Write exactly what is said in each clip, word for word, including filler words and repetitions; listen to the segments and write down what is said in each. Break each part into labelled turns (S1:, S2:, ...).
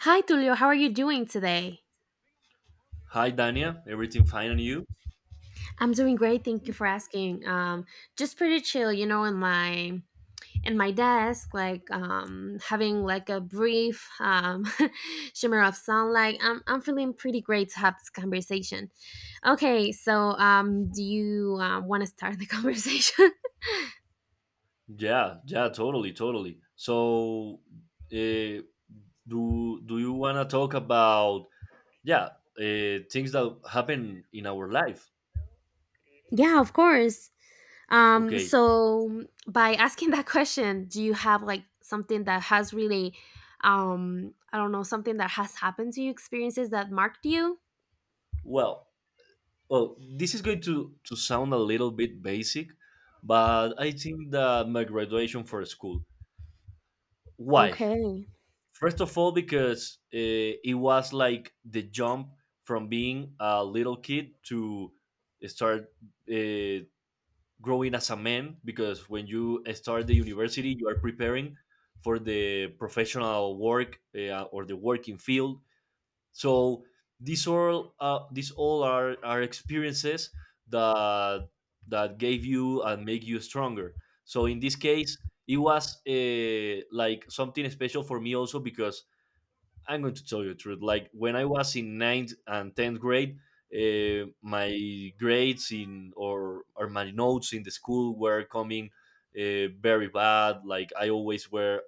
S1: Hi, Tulio. How are you doing today?
S2: Hi, Dania. Everything fine and you?
S1: I'm doing great. Thank you for asking. Um, just pretty chill, you know, in my in my desk, like um, having like a brief um, shimmer of sunlight. I'm I'm feeling pretty great to have this conversation. Okay, so um, do you uh, want to start the conversation?
S2: Yeah, yeah, totally, totally. So, uh, do do you wanna talk about yeah uh, things that happen in our life?
S1: Yeah, of course. Um,
S2: Okay.
S1: so by asking that question, do you have like something that has really, um, I don't know, something that has happened to you, experiences that marked you?
S2: Well, well, this is going to to sound a little bit basic, but I think that my graduation for school. Why?
S1: Okay.
S2: First of all, because uh, it was like the jump from being a little kid to start uh, growing as a man because when you start the university you are preparing for the professional work, uh, or the working field. So these all uh, these all are, are experiences that that gave you and make you stronger. So in this case it was, uh, like something special for me also because I'm going to tell you the truth. Like when I was in ninth and tenth grade, uh, my grades in or or my notes in the school were coming uh, very bad. Like I always were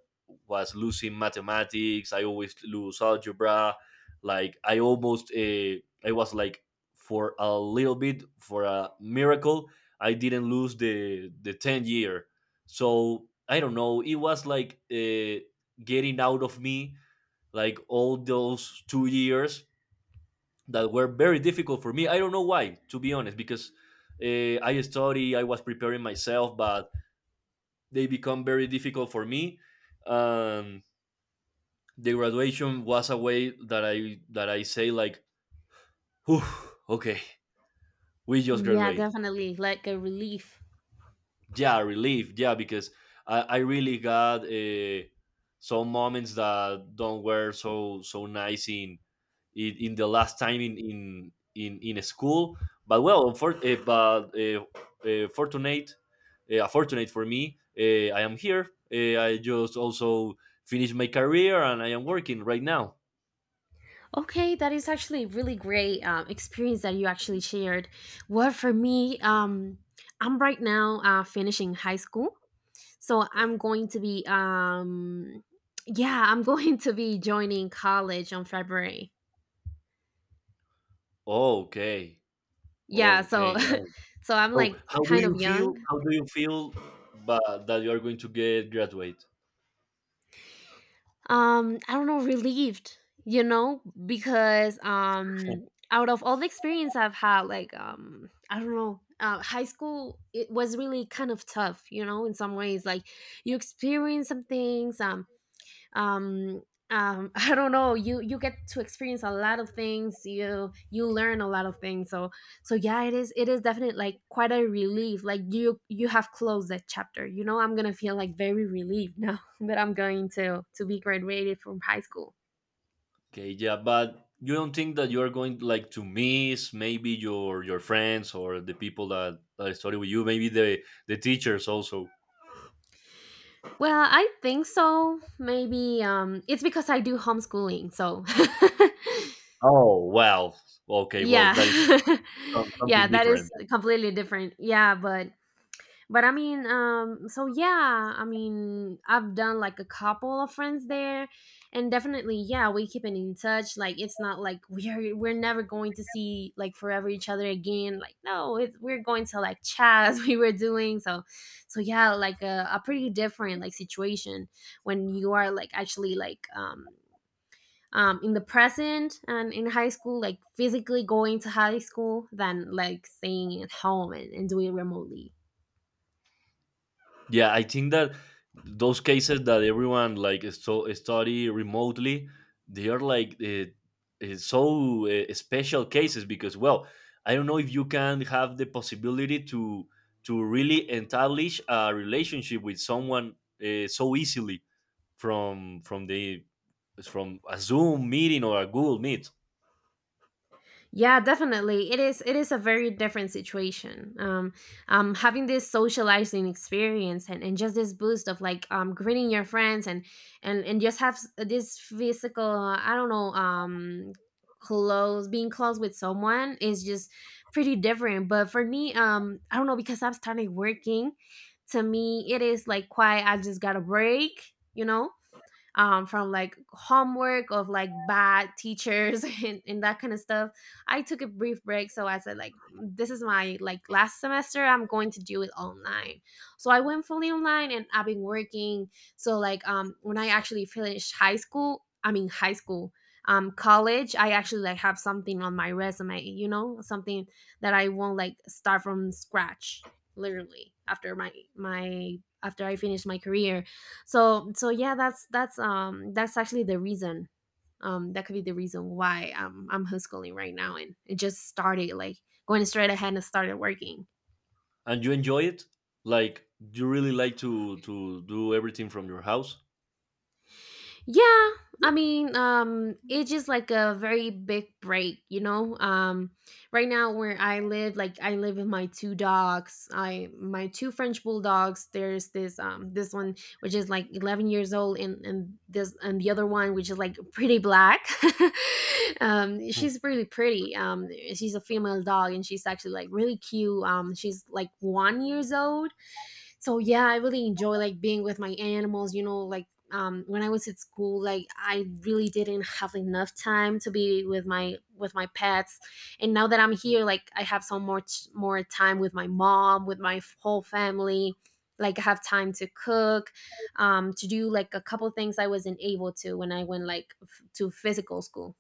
S2: was losing mathematics. I always lose algebra. Like I almost uh, I was like for a little bit for a miracle. I didn't lose the the ten year. So I don't know. It was like, uh, getting out of me like all those two years that were very difficult for me. I don't know why, to be honest, because uh, I study, I was preparing myself, but they become very difficult for me. Um, the graduation was a way that I that I say like, "Whew, okay, we just
S1: Yeah,
S2: graduate."
S1: definitely. Like a relief.
S2: Yeah, relief. Yeah, because I, I really got uh, some moments that don't were so so nice in in, in the last time in in in, in school. But well, for, uh, but uh, uh, fortunate, uh, fortunate for me, uh, I am here. Uh, I just also finished my career and I am working right now.
S1: Okay, that is actually really great um, experience that you actually shared. Well, for me, um, I'm right now uh, finishing high school, so I'm going to be, um, yeah, I'm going to be joining college on February.
S2: Okay,
S1: Yeah, so
S2: okay, nice.
S1: so I'm,
S2: So
S1: like,
S2: how do
S1: kind of
S2: you feel?
S1: young.
S2: How do you feel? But that you are going to get graduate.
S1: Um, I don't know, relieved, you know, because, um, out of all the experience I've had, like, um, I don't know, uh, high school, it was really kind of tough, you know, in some ways, like, you experience some things, um, um um I don't know, you you get to experience a lot of things. You you learn a lot of things, so so yeah, it is it is definitely like quite a relief. Like you you have closed that chapter. you know I'm gonna feel like very relieved now that I'm going to to be graduated from high school.
S2: Okay, yeah, but you don't think that you are going like to miss maybe your your friends or the people that, that study with you, maybe the the teachers also.
S1: Well, I think so, maybe um it's because I do homeschooling, so
S2: Oh well, okay, well
S1: yeah.
S2: that is some-
S1: Yeah,
S2: something
S1: that
S2: different.
S1: is completely different. Yeah, but but I mean, um so yeah, I mean, I've done like a couple of friends there. And definitely, yeah, we keeping in touch. Like it's not like we're we're never going to see like forever each other again. Like no, it, we're going to like chat as we were doing. So so yeah, like a, a pretty different like situation when you are like actually like um um, in the present and in high school, like physically going to high school, than like staying at home and, and doing it remotely.
S2: Yeah, I think that those cases that everyone like so study remotely, they are like, uh, uh, so uh, special cases because well, I don't know if you can have the possibility to to really establish a relationship with someone uh, so easily from from the from a Zoom meeting or a Google Meet.
S1: Yeah, definitely. It is it is a very different situation. Um, um having this socializing experience and, and just this boost of like um greeting your friends and and and just have s- this physical uh, I don't know, um close, being close with someone, is just pretty different. But for me, um I don't know, because I've started working, to me it is like quiet. I just got a break, you know um, from like homework of like bad teachers and, and that kind of stuff. I took a brief break, so I said like, this is my like last semester, I'm going to do it online. So I went fully online and I've been working. So, like um, when I actually finished high school, I mean high school, um, college, I actually like have something on my resume, you know something that I won't like start from scratch literally after my my after I finish my career. So so yeah, that's that's um that's actually the reason. Um that could be the reason why um I'm homeschooling right now, and it just started like going straight ahead and started working.
S2: And you enjoy it? Like you really like to to do everything from your house?
S1: Yeah, I mean, um, it's just like a very big break, you know. Um, right now where I live, like I live with my two dogs. I My two French bulldogs. There's this um this one which is like eleven years old, and and this and the other one which is like pretty black. Um, she's really pretty. Um, she's a female dog, and she's actually like really cute. Um, she's like one years old. So yeah, I really enjoy like being with my animals, you know like um, when I was at school, like I really didn't have enough time to be with my with my pets. And now that I'm here, like I have some more ch- more time with my mom, with my f- whole family. Like I have time to cook, um, to do like a couple things I wasn't able to when I went like f- to physical school.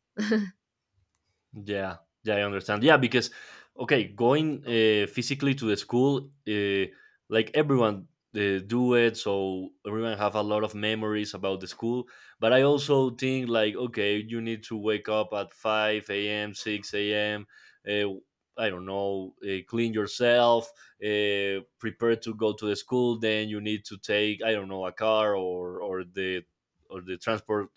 S2: Yeah, yeah, I understand. Yeah, because okay, going, uh, physically to the school, uh, like everyone uh, do it, so everyone have a lot of memories about the school. But I also think like okay, you need to wake up at five a m, six a m. Uh, I don't know, uh, clean yourself, uh, prepare to go to the school. Then you need to take I don't know a car or or the or the transport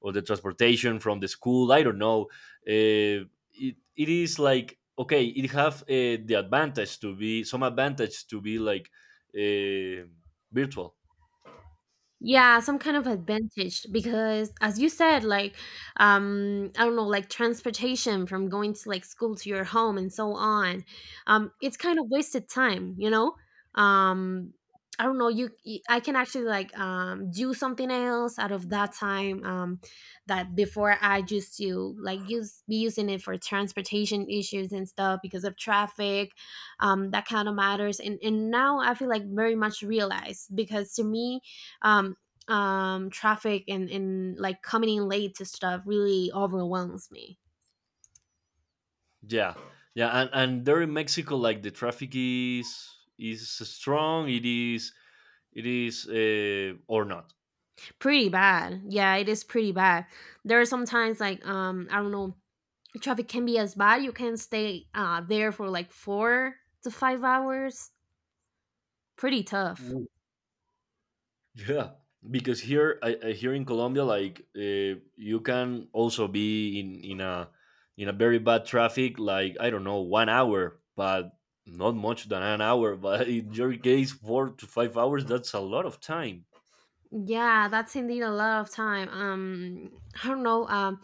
S2: or the transportation from the school. I don't know, uh, it, it is like okay it have, uh, the advantage to be some advantage to be like, uh, virtual.
S1: Yeah, some kind of advantage, because as you said, like um I don't know, like transportation from going to like school to your home and so on. Um it's kind of wasted time you know um I don't know, you y- I can actually like um do something else out of that time. Um that before, I used to like use be using it for transportation issues and stuff because of traffic. Um that kind of matters. And and now I feel like very much realized, because to me um, um, traffic and, and like coming in late to stuff really overwhelms me.
S2: Yeah, yeah, and, and there in Mexico like the traffic is is strong. It is, it is uh, or not?
S1: Pretty bad. Yeah, it is pretty bad. There are sometimes like um, I don't know, traffic can be as bad. You can stay uh, there for like four to five hours. Pretty tough.
S2: Yeah, because here, I, I here in Colombia, like, uh, you can also be in in a in a very bad traffic, like I don't know, one hour, but not much than an hour. But in your case, four to five hours, that's a lot of time.
S1: Yeah, that's indeed a lot of time. Um, I don't know. Um,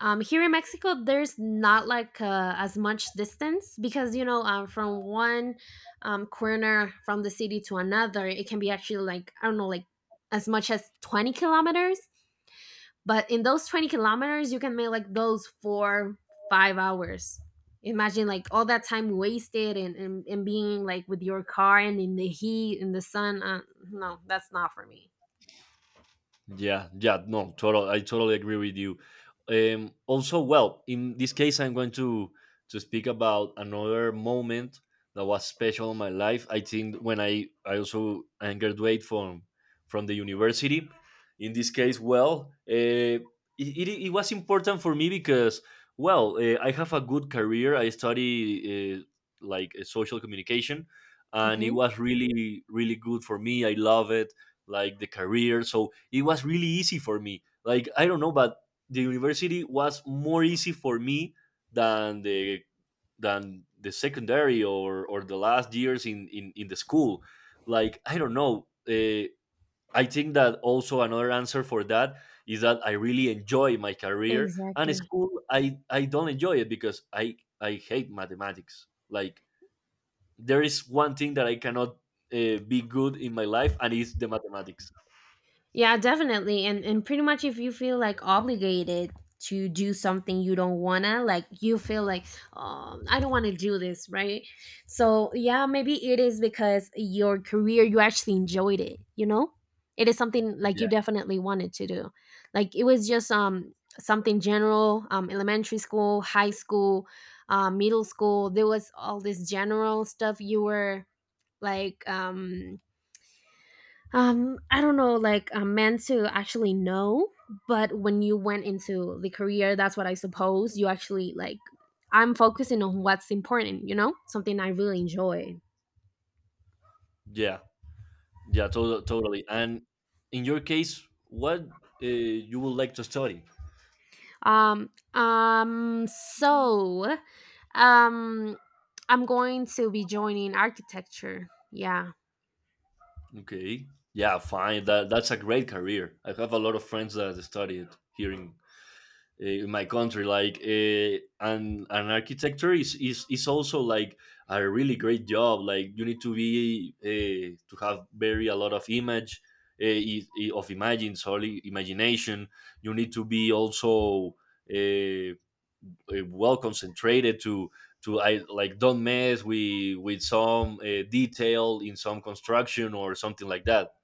S1: um, Here in Mexico, there's not like uh, as much distance, because you know, um, from one um, corner from the city to another, it can be actually like, I don't know, like as much as twenty kilometers. But in those twenty kilometers, you can make like those four, five hours. Imagine like all that time wasted and, and, and being like with your car and in the heat, in the sun. Uh, no, that's not for me.
S2: Yeah, yeah, no, total. I totally agree with you. Um, also, well, in this case, I'm going to to speak about another moment that was special in my life. I think when I I also I graduate from from the university. In this case, well, uh, it, it it was important for me because well, uh, I have a good career. I study, uh, like uh, social communication, and it
S1: Okay.
S2: was really really good for me. I love it, like the career. So it was really easy for me. Like I don't know, but the university was more easy for me than the than the secondary or or the last years in in, in the school. Like I don't know. Uh, I think that also another answer for that is that I really enjoy my career and
S1: Exactly.
S2: school I I don't enjoy it because I I hate mathematics. Like there is one thing that I cannot uh, be good in my life and it's the mathematics.
S1: Yeah, definitely. And and pretty much, if you feel like obligated to do something you don't wanna, like you feel like, um, I don't wanna do this, right? So yeah, maybe it is because your career, you actually enjoyed it, you know? It is something like you definitely wanted to do. Like it was just um something general, um elementary school, high school, uh, middle school. There was all this general stuff you were like um Um, I don't know, like I'm meant to actually know, but when you went into the career, that's what I suppose you actually like. I'm focusing on what's important, you know, something I really enjoy.
S2: Yeah, yeah, to- totally. And in your case, what uh, you would like to study?
S1: Um, um, so, um, I'm going to be joining architecture. Yeah.
S2: Okay, yeah, fine. That that's a great career. I have a lot of friends that study it here in, uh, in my country. Like, uh, and an architecture is, is is also like a really great job. Like, you need to be, uh, to have very a lot of image. Uh, i- i- of imagine, sorry, imagination. You need to be also, Uh, uh, well concentrated to to I like don't mess with with some uh, detail in some construction or something like that.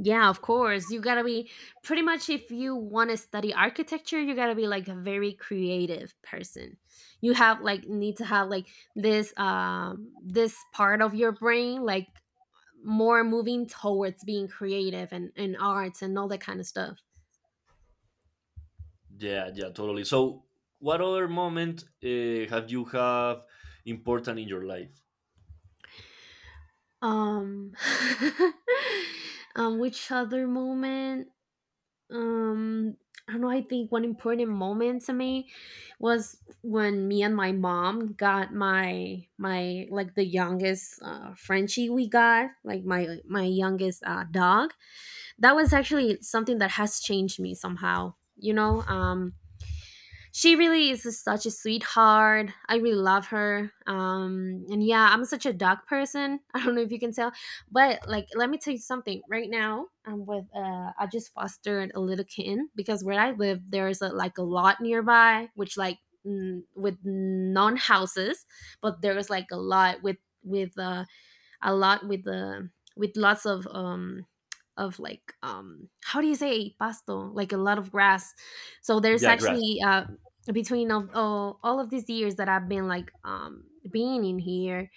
S1: Yeah, of course. You gotta be, pretty much, if you want to study architecture, you gotta be like a very creative person. You have like need to have like this um this part of your brain like more moving towards being creative and, and arts and all that kind of stuff.
S2: Yeah, yeah, totally. So, what other moment uh, have you have important in your life?
S1: Um, um which other moment? Um, I don't know. I think one important moment to me was when me and my mom got my my like the youngest uh, Frenchie we got, like my my youngest uh, dog. That was actually something that has changed me somehow. You know, um, she really is such a sweetheart. I really love her. Um, and yeah, I'm such a dog person. I don't know if you can tell, but like, let me tell you something. Right now, I'm with. Uh, I just fostered a little kitten, because where I live, there's a, like a lot nearby, which like mm, with non houses, but there is like a lot with with uh a lot with the with lots of um of like um how do you say pasto, like a lot of grass. So there's
S2: Yeah, grass.
S1: actually uh between of all, all of these years that I've been like um being in here,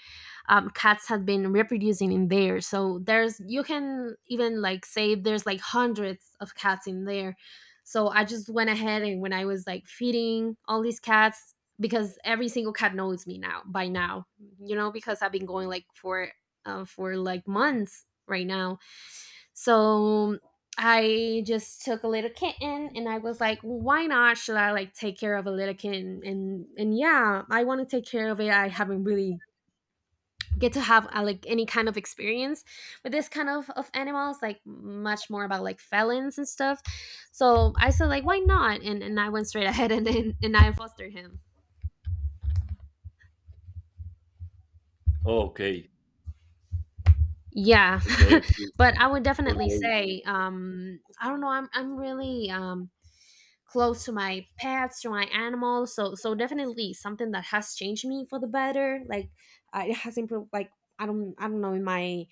S1: um, cats had been reproducing in there. So there's, you can even like say there's like hundreds of cats in there. So I just went ahead, and when I was like feeding all these cats, because every single cat knows me now, by now, you know, because I've been going like for uh, for like months right now. So I just took a little kitten and I was like, why not, should I like take care of a little kitten? And and yeah, I want to take care of it. I haven't really get to have uh, like any kind of experience with this kind of, of animals, like much more about like felons and stuff. So I said like, why not, and, and I went straight ahead and, and and I fostered him.
S2: Okay,
S1: Yeah,
S2: okay,
S1: but I would definitely
S2: okay.
S1: say um I don't know, i'm i'm really um close to my pets, to my animals. So so definitely something that has changed me for the better. Like uh, it has improved like i don't i don't know, in my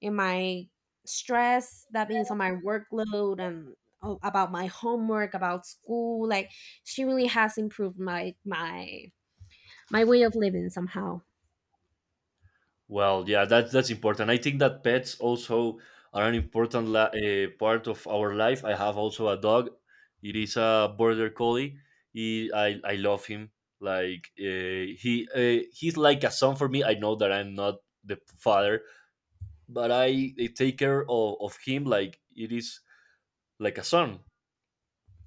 S1: in my stress that means, on my workload and uh, about my homework, about school. Like, she really has improved my my my way of living somehow.
S2: Well, yeah, that's that's important. I think that pets also are an important, la- uh, part of our life. I have also a dog. It is a border collie. He, I I love him. Like, uh, he uh, he's like a son for me. I know that I'm not the father, but I, I take care of, of him like it is like a son.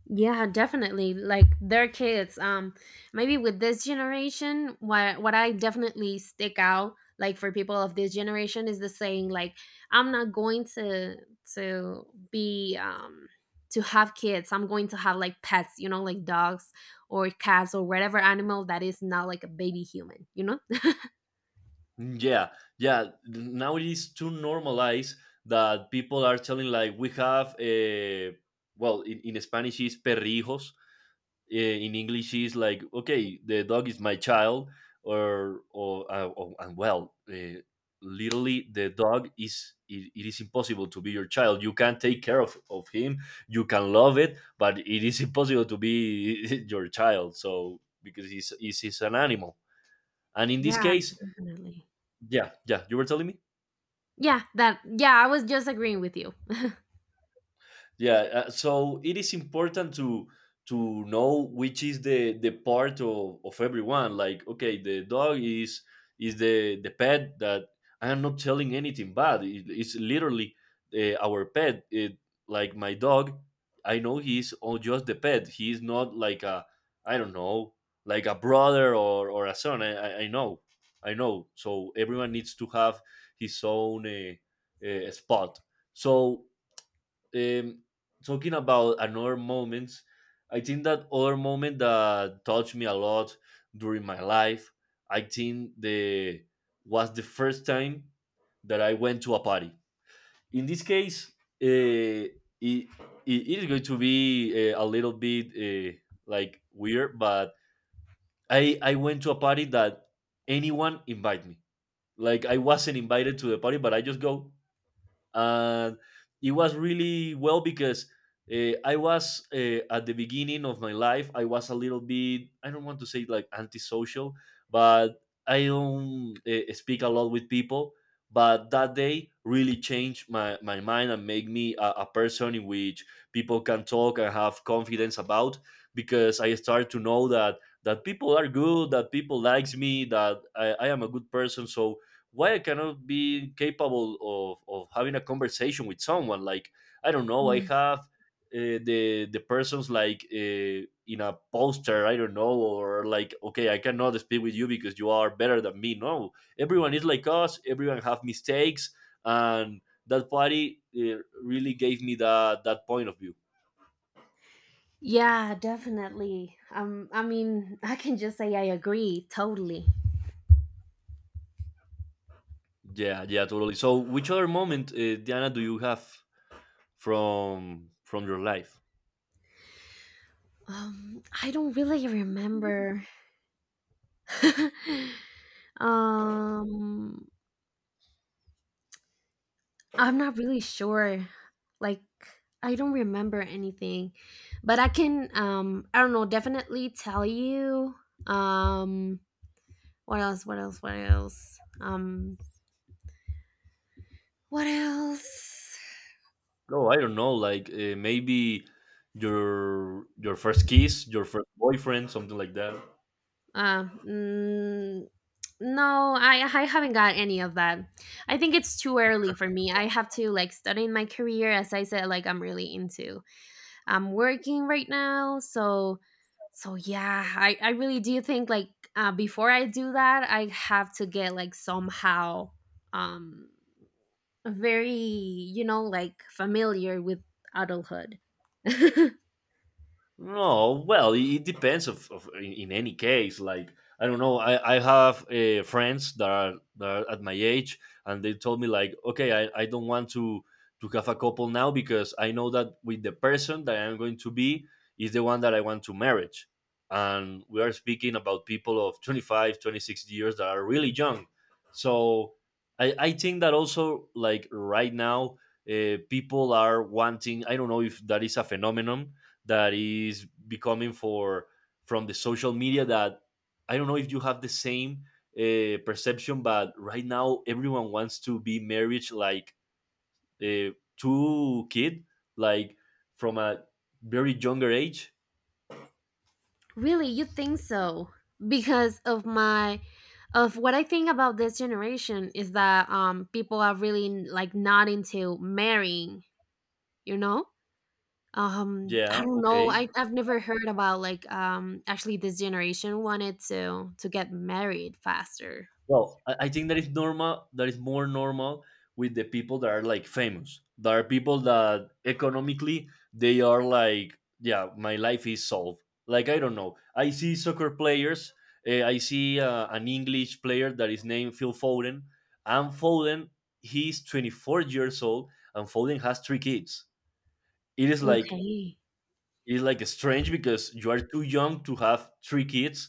S1: Yeah, definitely. Like their kids. Um, maybe with this generation, what what I definitely stick out, like for people of this generation, is the saying like, "I'm not going to to be um to have kids. I'm going to have like pets, you know, like dogs or cats or whatever animal that is not like a baby human, you know."
S2: Yeah, yeah. Now it is too normalized that people are telling like we have a, well in, in Spanish is perrijos, eh, in English is like, okay, the dog is my child, or or, uh, or- and well, uh, literally the dog is it, it is impossible to be your child. You can take care of of him, you can love it, but it is impossible to be your child. So because he's he's, he's an animal, and in this
S1: Yeah,
S2: case,
S1: definitely.
S2: yeah, yeah, you were telling me.
S1: Yeah, that. Yeah, I was just agreeing with you.
S2: Yeah uh, so it is important to to know which is the the part of, of everyone like okay the dog is is the the pet that I am not telling anything bad. It, it's literally, uh, our pet. It, like my dog, I know he's all just the pet, he is not like a I don't know, like a brother or or a son. i i, I know, I know. So everyone needs to have his own, uh, uh, spot. So, um, talking about another moment, I think that other moment that touched me a lot during my life, I think the was the first time that I went to a party. In this case, uh, it, it it is going to be, uh, a little bit uh, like weird, but I I went to a party that anyone invite me. Like I wasn't invited to the party, but I just go, and it was really well because, uh, I was uh, at the beginning of my life. I was a little bit I don't want to say like antisocial, but I don't uh, speak a lot with people. But that day really changed my, my mind and made me a, a person in which people can talk and have confidence about, because I started to know that that people are good, that people likes me, that I, I am a good person. So why I cannot be capable of, of having a conversation with someone? Like I don't know, I
S1: Yeah.
S2: have, uh, the the persons like, uh, in a poster. I don't know, or like okay, I cannot speak with you because you are better than me. No, everyone is like us. Everyone have mistakes, and that party, uh, really gave me that that point of view.
S1: Yeah, definitely. Um, I mean, I can just say I agree totally.
S2: Yeah, yeah, totally. So, which other moment, uh, Diana, do you have from from your life?
S1: Um, I don't really remember. um, I'm not really sure. Like, I don't remember anything, but I can. Um, I don't know. Definitely tell you. Um, what else? What else? What else? Um, what else?
S2: No, I don't know. Like, uh, maybe your your first kiss, your first boyfriend, something like that.
S1: Um, mm, No, I I haven't got any of that. I think it's too early for me. I have to like study in my career as I said like I'm really into. I'm working right now, so so yeah, I I really do think like uh, before I do that, I have to get like somehow um very, you know, like familiar with adulthood.
S2: No, well, it it depends. Of, of in, in any case, like I don't know. I I have, uh, friends that are, that are at my age, and they told me like, okay, I, I don't want to to have a couple now because I know that with the person that I'm going to be is the one that I want to marriage. And we are speaking about people of twenty five, twenty six years that are really young. So I, I think that also like right now, uh, people are wanting. I don't know if that is a phenomenon that is becoming for from the social media that I don't know if you have the same uh, perception, but right now everyone wants to be married like uh, to kid, like from a very younger age.
S1: Really, you think so? Because of my of what I think about this generation is that um people are really like not into marrying, you know? Um
S2: Yeah,
S1: I don't know.
S2: okay.
S1: I I've never heard about like um actually this generation wanted to to get married faster.
S2: Well, I, I think that is normal. That is more normal with the people that are like famous. There are people that economically they are like, yeah, my life is solved. Like I don't know. I see soccer players. eh, I see uh, an English player that is named Phil Foden. And Foden, he's twenty four years old, and Foden has three kids. It is like
S1: Okay.
S2: it's like strange because you are too young to have three kids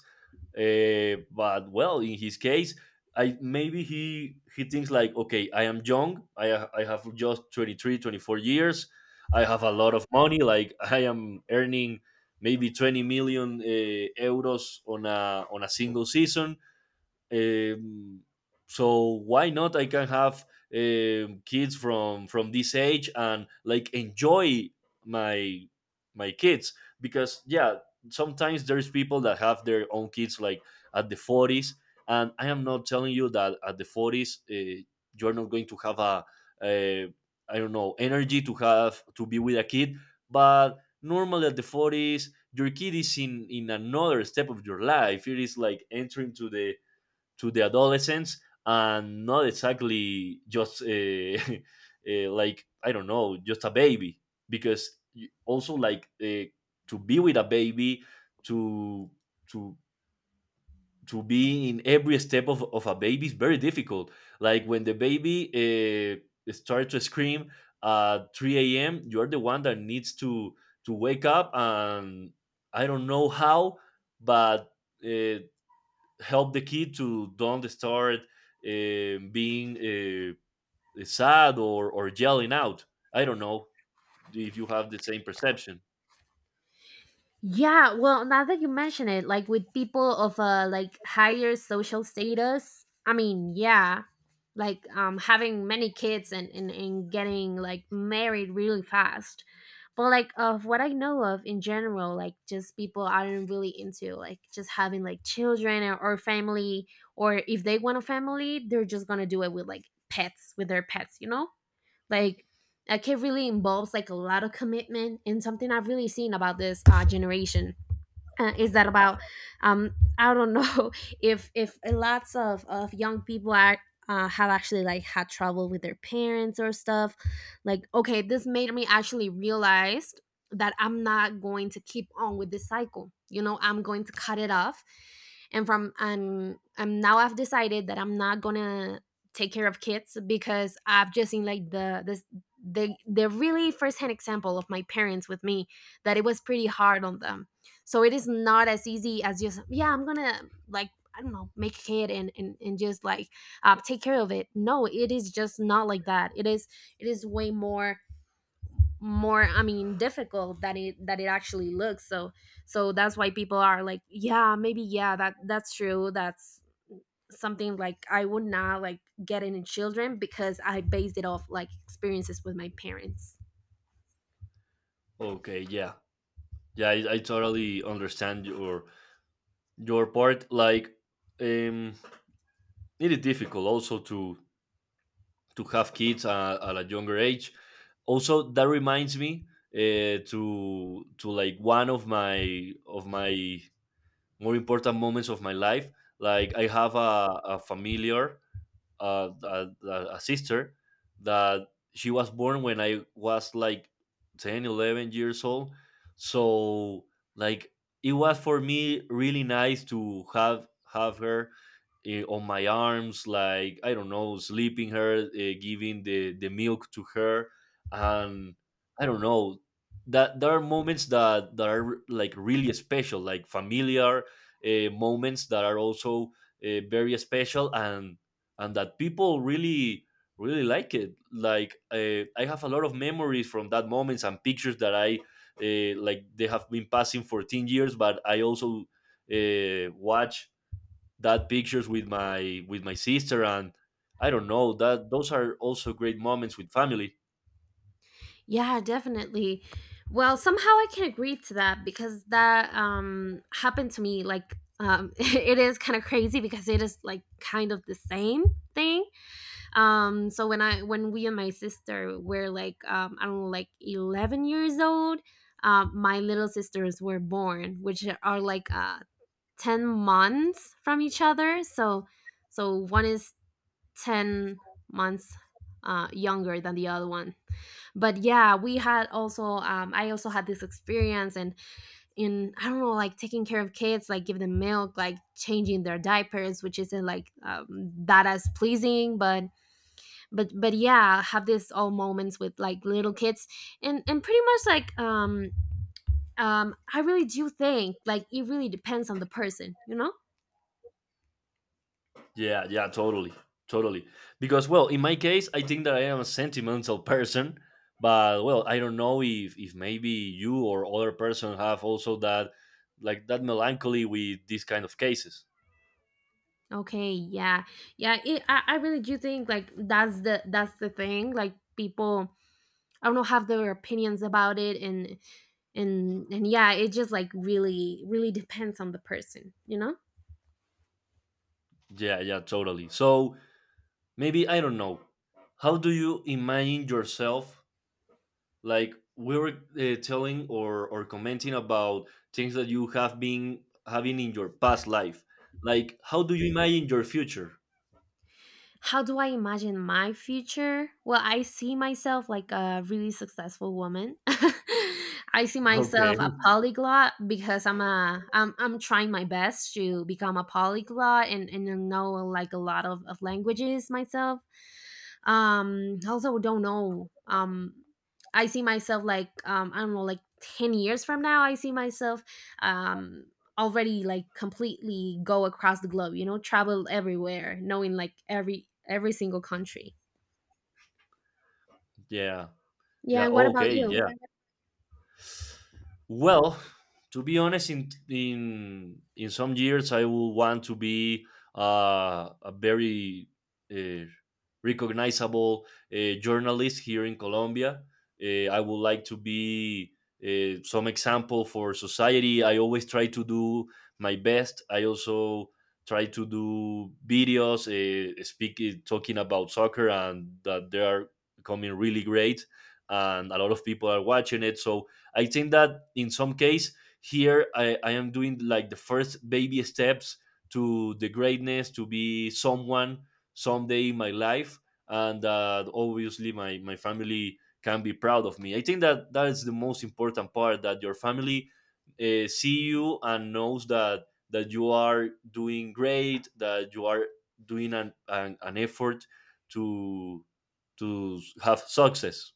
S2: uh, but well, in his case, I maybe he he thinks like, okay, I am young, i ha- I have just twenty three, twenty four years. I have a lot of money. Like I am earning maybe twenty million uh, euros on a on a single season. um, so why not? I can have um, kids from from this age and like enjoy my my kids because, yeah, sometimes there's people that have their own kids like at the forties, and I am not telling you that at the forties uh, you're not going to have a, a I don't know, energy to have to be with a kid, but normally at the forties your kid is in in another step of your life. It is like entering to the to the adolescents and not exactly just uh, uh, like, I don't know, just a baby. Because also like uh, to be with a baby, to to to be in every step of, of a baby is very difficult. Like when the baby uh, starts to scream at three a m, you're the one that needs to to wake up and, I don't know how, but uh, help the kid to don't start uh, being uh, sad or, or yelling out. I don't know if you have the same perception.
S1: Yeah, well, now that you mention it, like with people of a like higher social status, I mean, yeah, like um, having many kids and, and, and getting like married really fast but like of what I know of in general like just people aren't really into like just having like children or, or family or if they want a family they're just gonna do it with like pets with their pets, you know, like like it really involves like a lot of commitment, and something I've really seen about this uh, generation uh, is that about um I don't know if if lots of of young people are uh, have actually like had trouble with their parents or stuff like okay this made me actually realize that I'm not going to keep on with this cycle, you know, I'm going to cut it off and from i'm i'm now I've decided that I'm not gonna take care of kids because I've just seen like the this the the really firsthand example of my parents with me that it was pretty hard on them so it is not as easy as just yeah I'm gonna like I don't know make a kid and and, and just like uh, take care of it. No, it is just not like that. It is it is way more more I mean difficult than it that it actually looks, so so that's why people are like yeah maybe yeah that that's true that's something like I would not like get in children because I based it off like experiences with my parents.
S2: Okay, yeah, yeah, I, I totally understand your your part. Like, um, it is difficult also to to have kids uh, at a younger age. Also, that reminds me uh, to to like one of my of my more important moments of my life. Like, I have a, a familiar uh, a, a sister that she was born when I was like ten, eleven years old. So like it was for me really nice to have have her, eh, on my arms, like, I don't know, sleeping her, uh, giving the the milk to her, and I don't know. That there are moments that that are like really special, like familiar uh, moments that are also uh, very special, and and that people really really like it. Like uh, I have a lot of memories from that moments and pictures that I uh, like they have been passing for ten years, but I also uh, watch that pictures with my with my sister, and I don't know, that those are also great moments with family.
S1: Yeah, definitely. Well, somehow I can agree to that because that um happened to me like um it is kind of crazy because it is like kind of the same thing. Um so when I when we and my sister were like um I don't know like eleven years old, um my little sisters were born, which are like uh ten months from each other. So so one is ten months uh, younger than the other one, but yeah we had also um, I also had this experience and in I don't know like taking care of kids like giving them milk like changing their diapers which isn't like um, that as pleasing, but but but yeah have this all moments with like little kids and and pretty much like um um I really do think like it really depends on the person, you know.
S2: Yeah, yeah, totally. Totally. Because, well, in my case, I think that I am a sentimental person, but, well, I don't know if if maybe you or other person have also that, like, that melancholy with these kind of cases.
S1: Okay, yeah. Yeah, it, I, I really do think like that's the that's the thing. Like people I don't know have their opinions about it and and and yeah, it just like really really depends on the person, you know?
S2: Yeah, yeah, totally. So, maybe, I don't know. How do you imagine yourself? Like we were uh, telling or or commenting about things that you have been having in your past life. Like how do you imagine your future?
S1: How do I imagine my future? Well, I see myself like a really successful woman. I see
S2: Okay.
S1: myself a polyglot because I'm a I'm I'm trying my best to become a polyglot and and know like a lot of, of languages myself um also don't know um I see myself like um I don't know like ten years from now I see myself um already like completely go across the globe, you know, travel everywhere knowing like every every single country
S2: Yeah.
S1: yeah
S2: Yeah.
S1: and what about
S2: Okay.
S1: you.
S2: Yeah. Yeah. Well, to be honest, in in in some years, I will want to be uh, a very uh, recognizable uh, journalist here in Colombia. Uh, I would like to be uh, some example for society. I always try to do my best. I also try to do videos, uh, speak uh, talking about soccer, and that they are coming really great, and a lot of people are watching it. So I think that in some case here, I, I am doing like the first baby steps to the greatness to be someone someday in my life. And uh, obviously my, my family can be proud of me. I think that that is the most important part, that your family uh, see you and knows that that you are doing great, that you are doing an, an, an effort to to have success.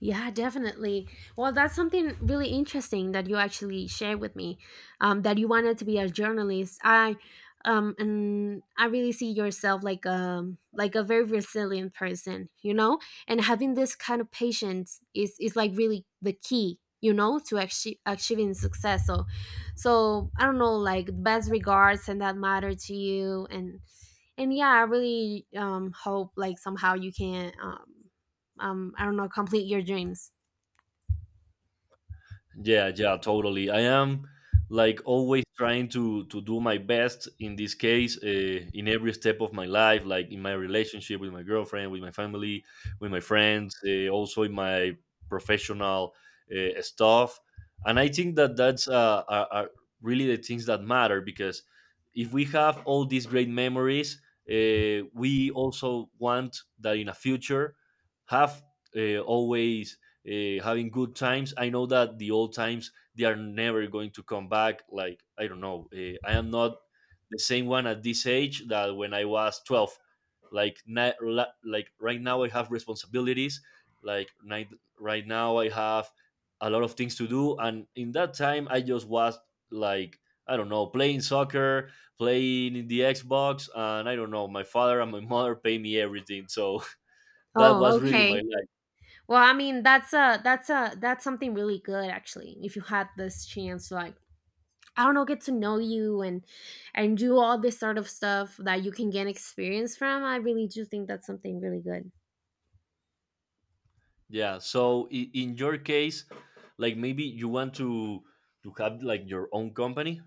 S1: Yeah, definitely. Well, that's something really interesting that you actually shared with me, um, that you wanted to be a journalist. I, um, and I really see yourself like um like a very resilient person, you know. And having this kind of patience is is like really the key, you know, to achieve, achieving success. So, so I don't know, like best regards and that matter to you, and and yeah, I really um hope like somehow you can um um I don't know, complete your dreams.
S2: Yeah, yeah, totally. I am like always trying to to do my best in this case uh, in every step of my life, like in my relationship with my girlfriend, with my family, with my friends, uh, also in my professional uh, stuff. And I think that that's uh, are, are really the things that matter, because if we have all these great memories, uh, we also want that in a future have uh, always uh, having good times. I know that the old times they are never going to come back. Like, I don't know, uh, I am not the same one at this age that when I was twelve. Like na- la- like right now, I have responsibilities. Like night- right now, I have a lot of things to do, and in that time, I just was like, I don't know, playing soccer, playing in the Xbox, and I don't know. My father and my mother pay me everything, so that
S1: Oh,
S2: was really my
S1: okay.
S2: life.
S1: Well, I mean, that's a that's a that's something really good actually. If you had this chance to like I don't know, get to know you and and do all this sort of stuff that you can gain experience from. I really do think that's something really good.
S2: Yeah. So, i- in your case, like maybe you want to to have like your own company.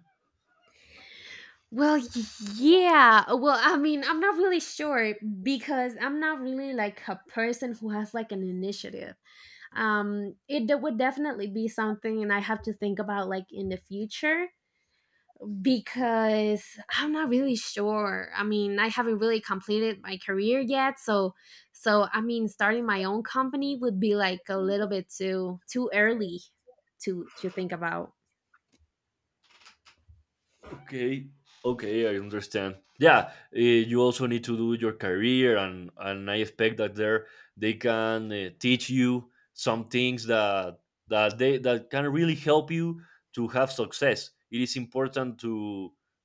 S1: Well, y- yeah. Well, I mean, I'm not really sure because I'm not really like a person who has like an initiative. Um, it d- would definitely be something, and I have to think about like in the future because I'm not really sure. I mean, I haven't really completed my career yet, so so I mean, starting my own company would be like a little bit too too early to to think about.
S2: Okay. Okay, I understand. Yeah, eh, you also need to do your career, and and I expect that there they can uh, teach you some things that that they that can really help you to have success. It is important to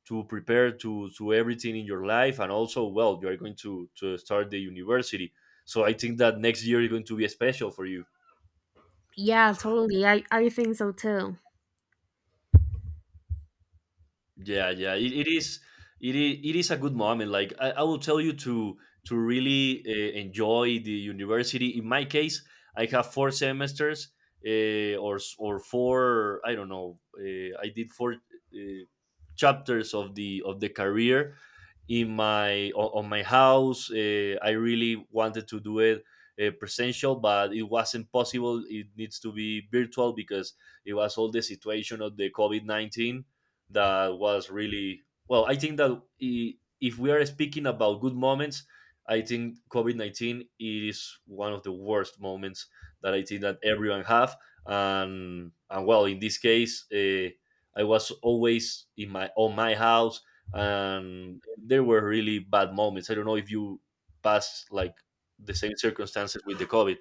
S2: to prepare to to everything in your life, and also, well, you are going to to start the university. So I think that next year is going to be special for you.
S1: Yeah, totally. I I think so too.
S2: Yeah, yeah. It, it is it is it is a good moment. Like I, I will tell you to to really uh, enjoy the university. In my case, I have four semesters uh, or s- or four. I don't know. Uh, I did four uh, chapters of the of the career in my o- on my house. Uh, I really wanted to do it uh, presential, but it wasn't possible. It needs to be virtual because it was all the situation of the COVID nineteen that was really, well. I think that i- if we are speaking about good moments, I think COVID nineteen is one of the worst moments that I think that everyone have. And and well, in this case, uh, I was always in my on my house, and there were really bad moments. I don't know if you passed like the same circumstances with the COVID.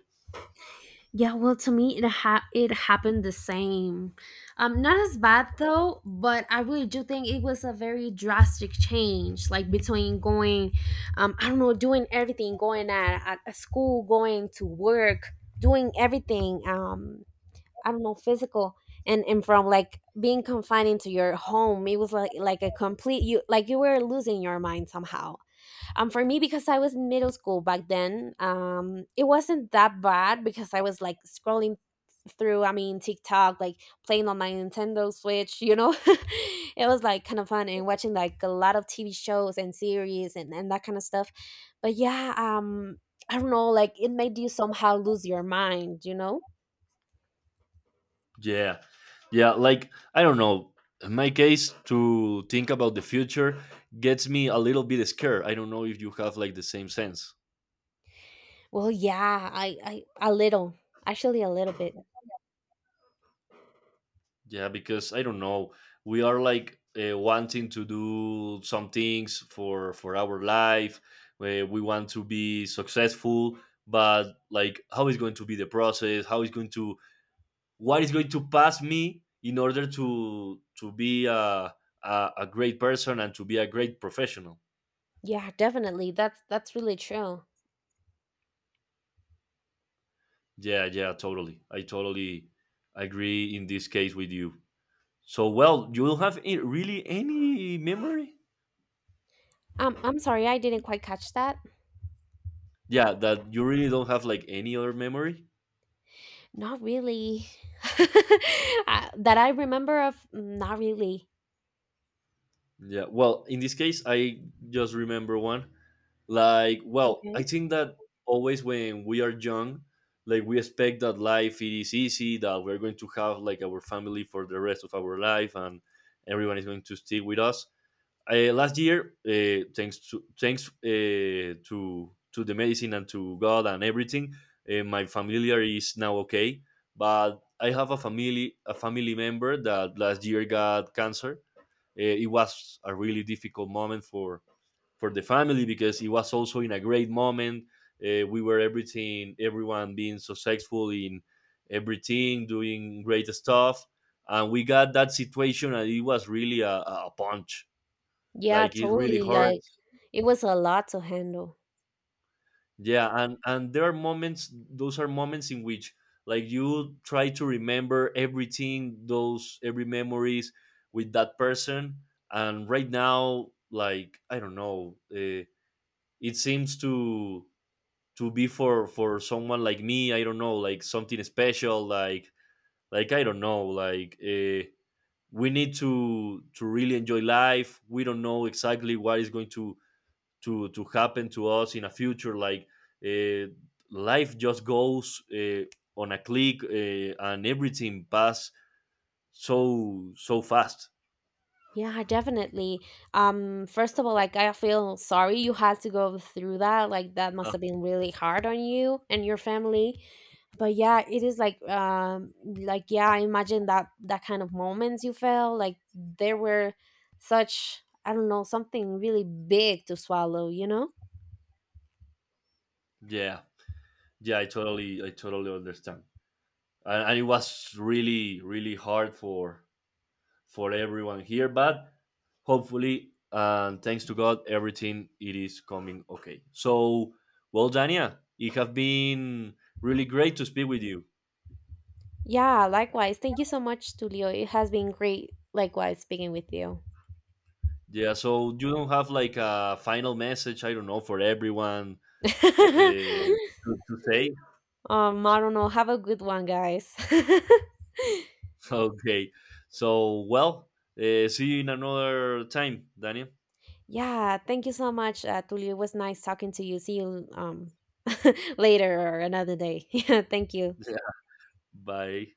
S1: Yeah, well, to me, it ha- it happened the same. Um, not as bad though, but I really do think it was a very drastic change, like between going, um, I don't know, doing everything, going at, at a school, going to work, doing everything. Um, I don't know, physical, and and from like being confined into your home, it was like like a complete you like you were losing your mind somehow um, for me, because I was in middle school back then, um, it wasn't that bad because I was like scrolling through, I mean, TikTok, like playing on my Nintendo Switch, you know? it was like kind of fun and watching like a lot of T V shows and series and, and that kind of stuff. But yeah, um, I don't know, like it made you somehow lose your mind, you know?
S2: Yeah. Yeah. Like, I don't know. In my case, to think about the future gets me a little bit scared. I don't know if you have like the same sense.
S1: Well, yeah, I, I a little, actually a little bit.
S2: Yeah. Because I don't know. We are like uh, wanting to do some things for, for our life. Where we want to be successful, but like, how is going to be the process? How is going to, what is going to pass me in order to, to be a, a, a great person and to be a great professional?
S1: Yeah, definitely. That's that's really true.
S2: Yeah, yeah, totally. I totally agree in this case with you. So, well, you don't have a- really any memory?
S1: Um, I'm sorry, I didn't quite catch that.
S2: Yeah, that you really don't have like any other memory?
S1: Not really. Uh, that I remember of, mm, not really.
S2: Yeah, well, in this case, I just remember one. Like, well, I
S1: Okay.
S2: think that always when we are young, like we expect that life it is easy, that we're going to have like our family for the rest of our life and everyone is going to stay with us. Uh, last year, uh, thanks to thanks uh, to to the medicine and to God and everything, uh, my familiar is now okay. But I have a family a family member that last year got cancer. Uh, it was a really difficult moment for for the family because it was also in a great moment. Uh, we were everything, everyone being so successful in everything, doing great stuff, and we got that situation, and it was really a, a punch,
S1: Yeah,
S2: like it really
S1: totally. Like
S2: hurts.
S1: it was a lot to handle.
S2: Yeah, and and there are moments, those are moments in which, like, you try to remember everything, those every memories with that person. And right now, like, I don't know, uh, it seems to to be for for someone like me, I don't know, like something special. like like I don't know, like uh, we need to to really enjoy life. We don't know exactly what is going to to to happen to us in a future. Like uh, life just goes uh, on a click, uh, and everything pass so so fast.
S1: Yeah, definitely. Um, first of all, like I feel sorry you had to go through that. Like that must
S2: Huh.
S1: have been really hard on you and your family. But yeah, it is like um like yeah, I imagine that that kind of moments you felt like there were such I don't know, something really big to swallow, you know?
S2: Yeah, yeah, i totally I totally understand. and, and it was really really hard for for everyone here, but hopefully and thanks to God everything it is coming okay. So, well, Dania, it has been really great to speak with you.
S1: Yeah, likewise. Thank you so much, Tulio. It has been great, likewise, speaking with you.
S2: Yeah, so you don't have like a final message, I don't know, for everyone uh, to, to say.
S1: um, I don't know. Have a good one, guys.
S2: Okay, so, well, uh, see you in another time, Daniel.
S1: yeah, thank you so much, uh, Tulio. It was nice talking to you. See you um, later or another day. Yeah, thank you.
S2: Yeah. Bye.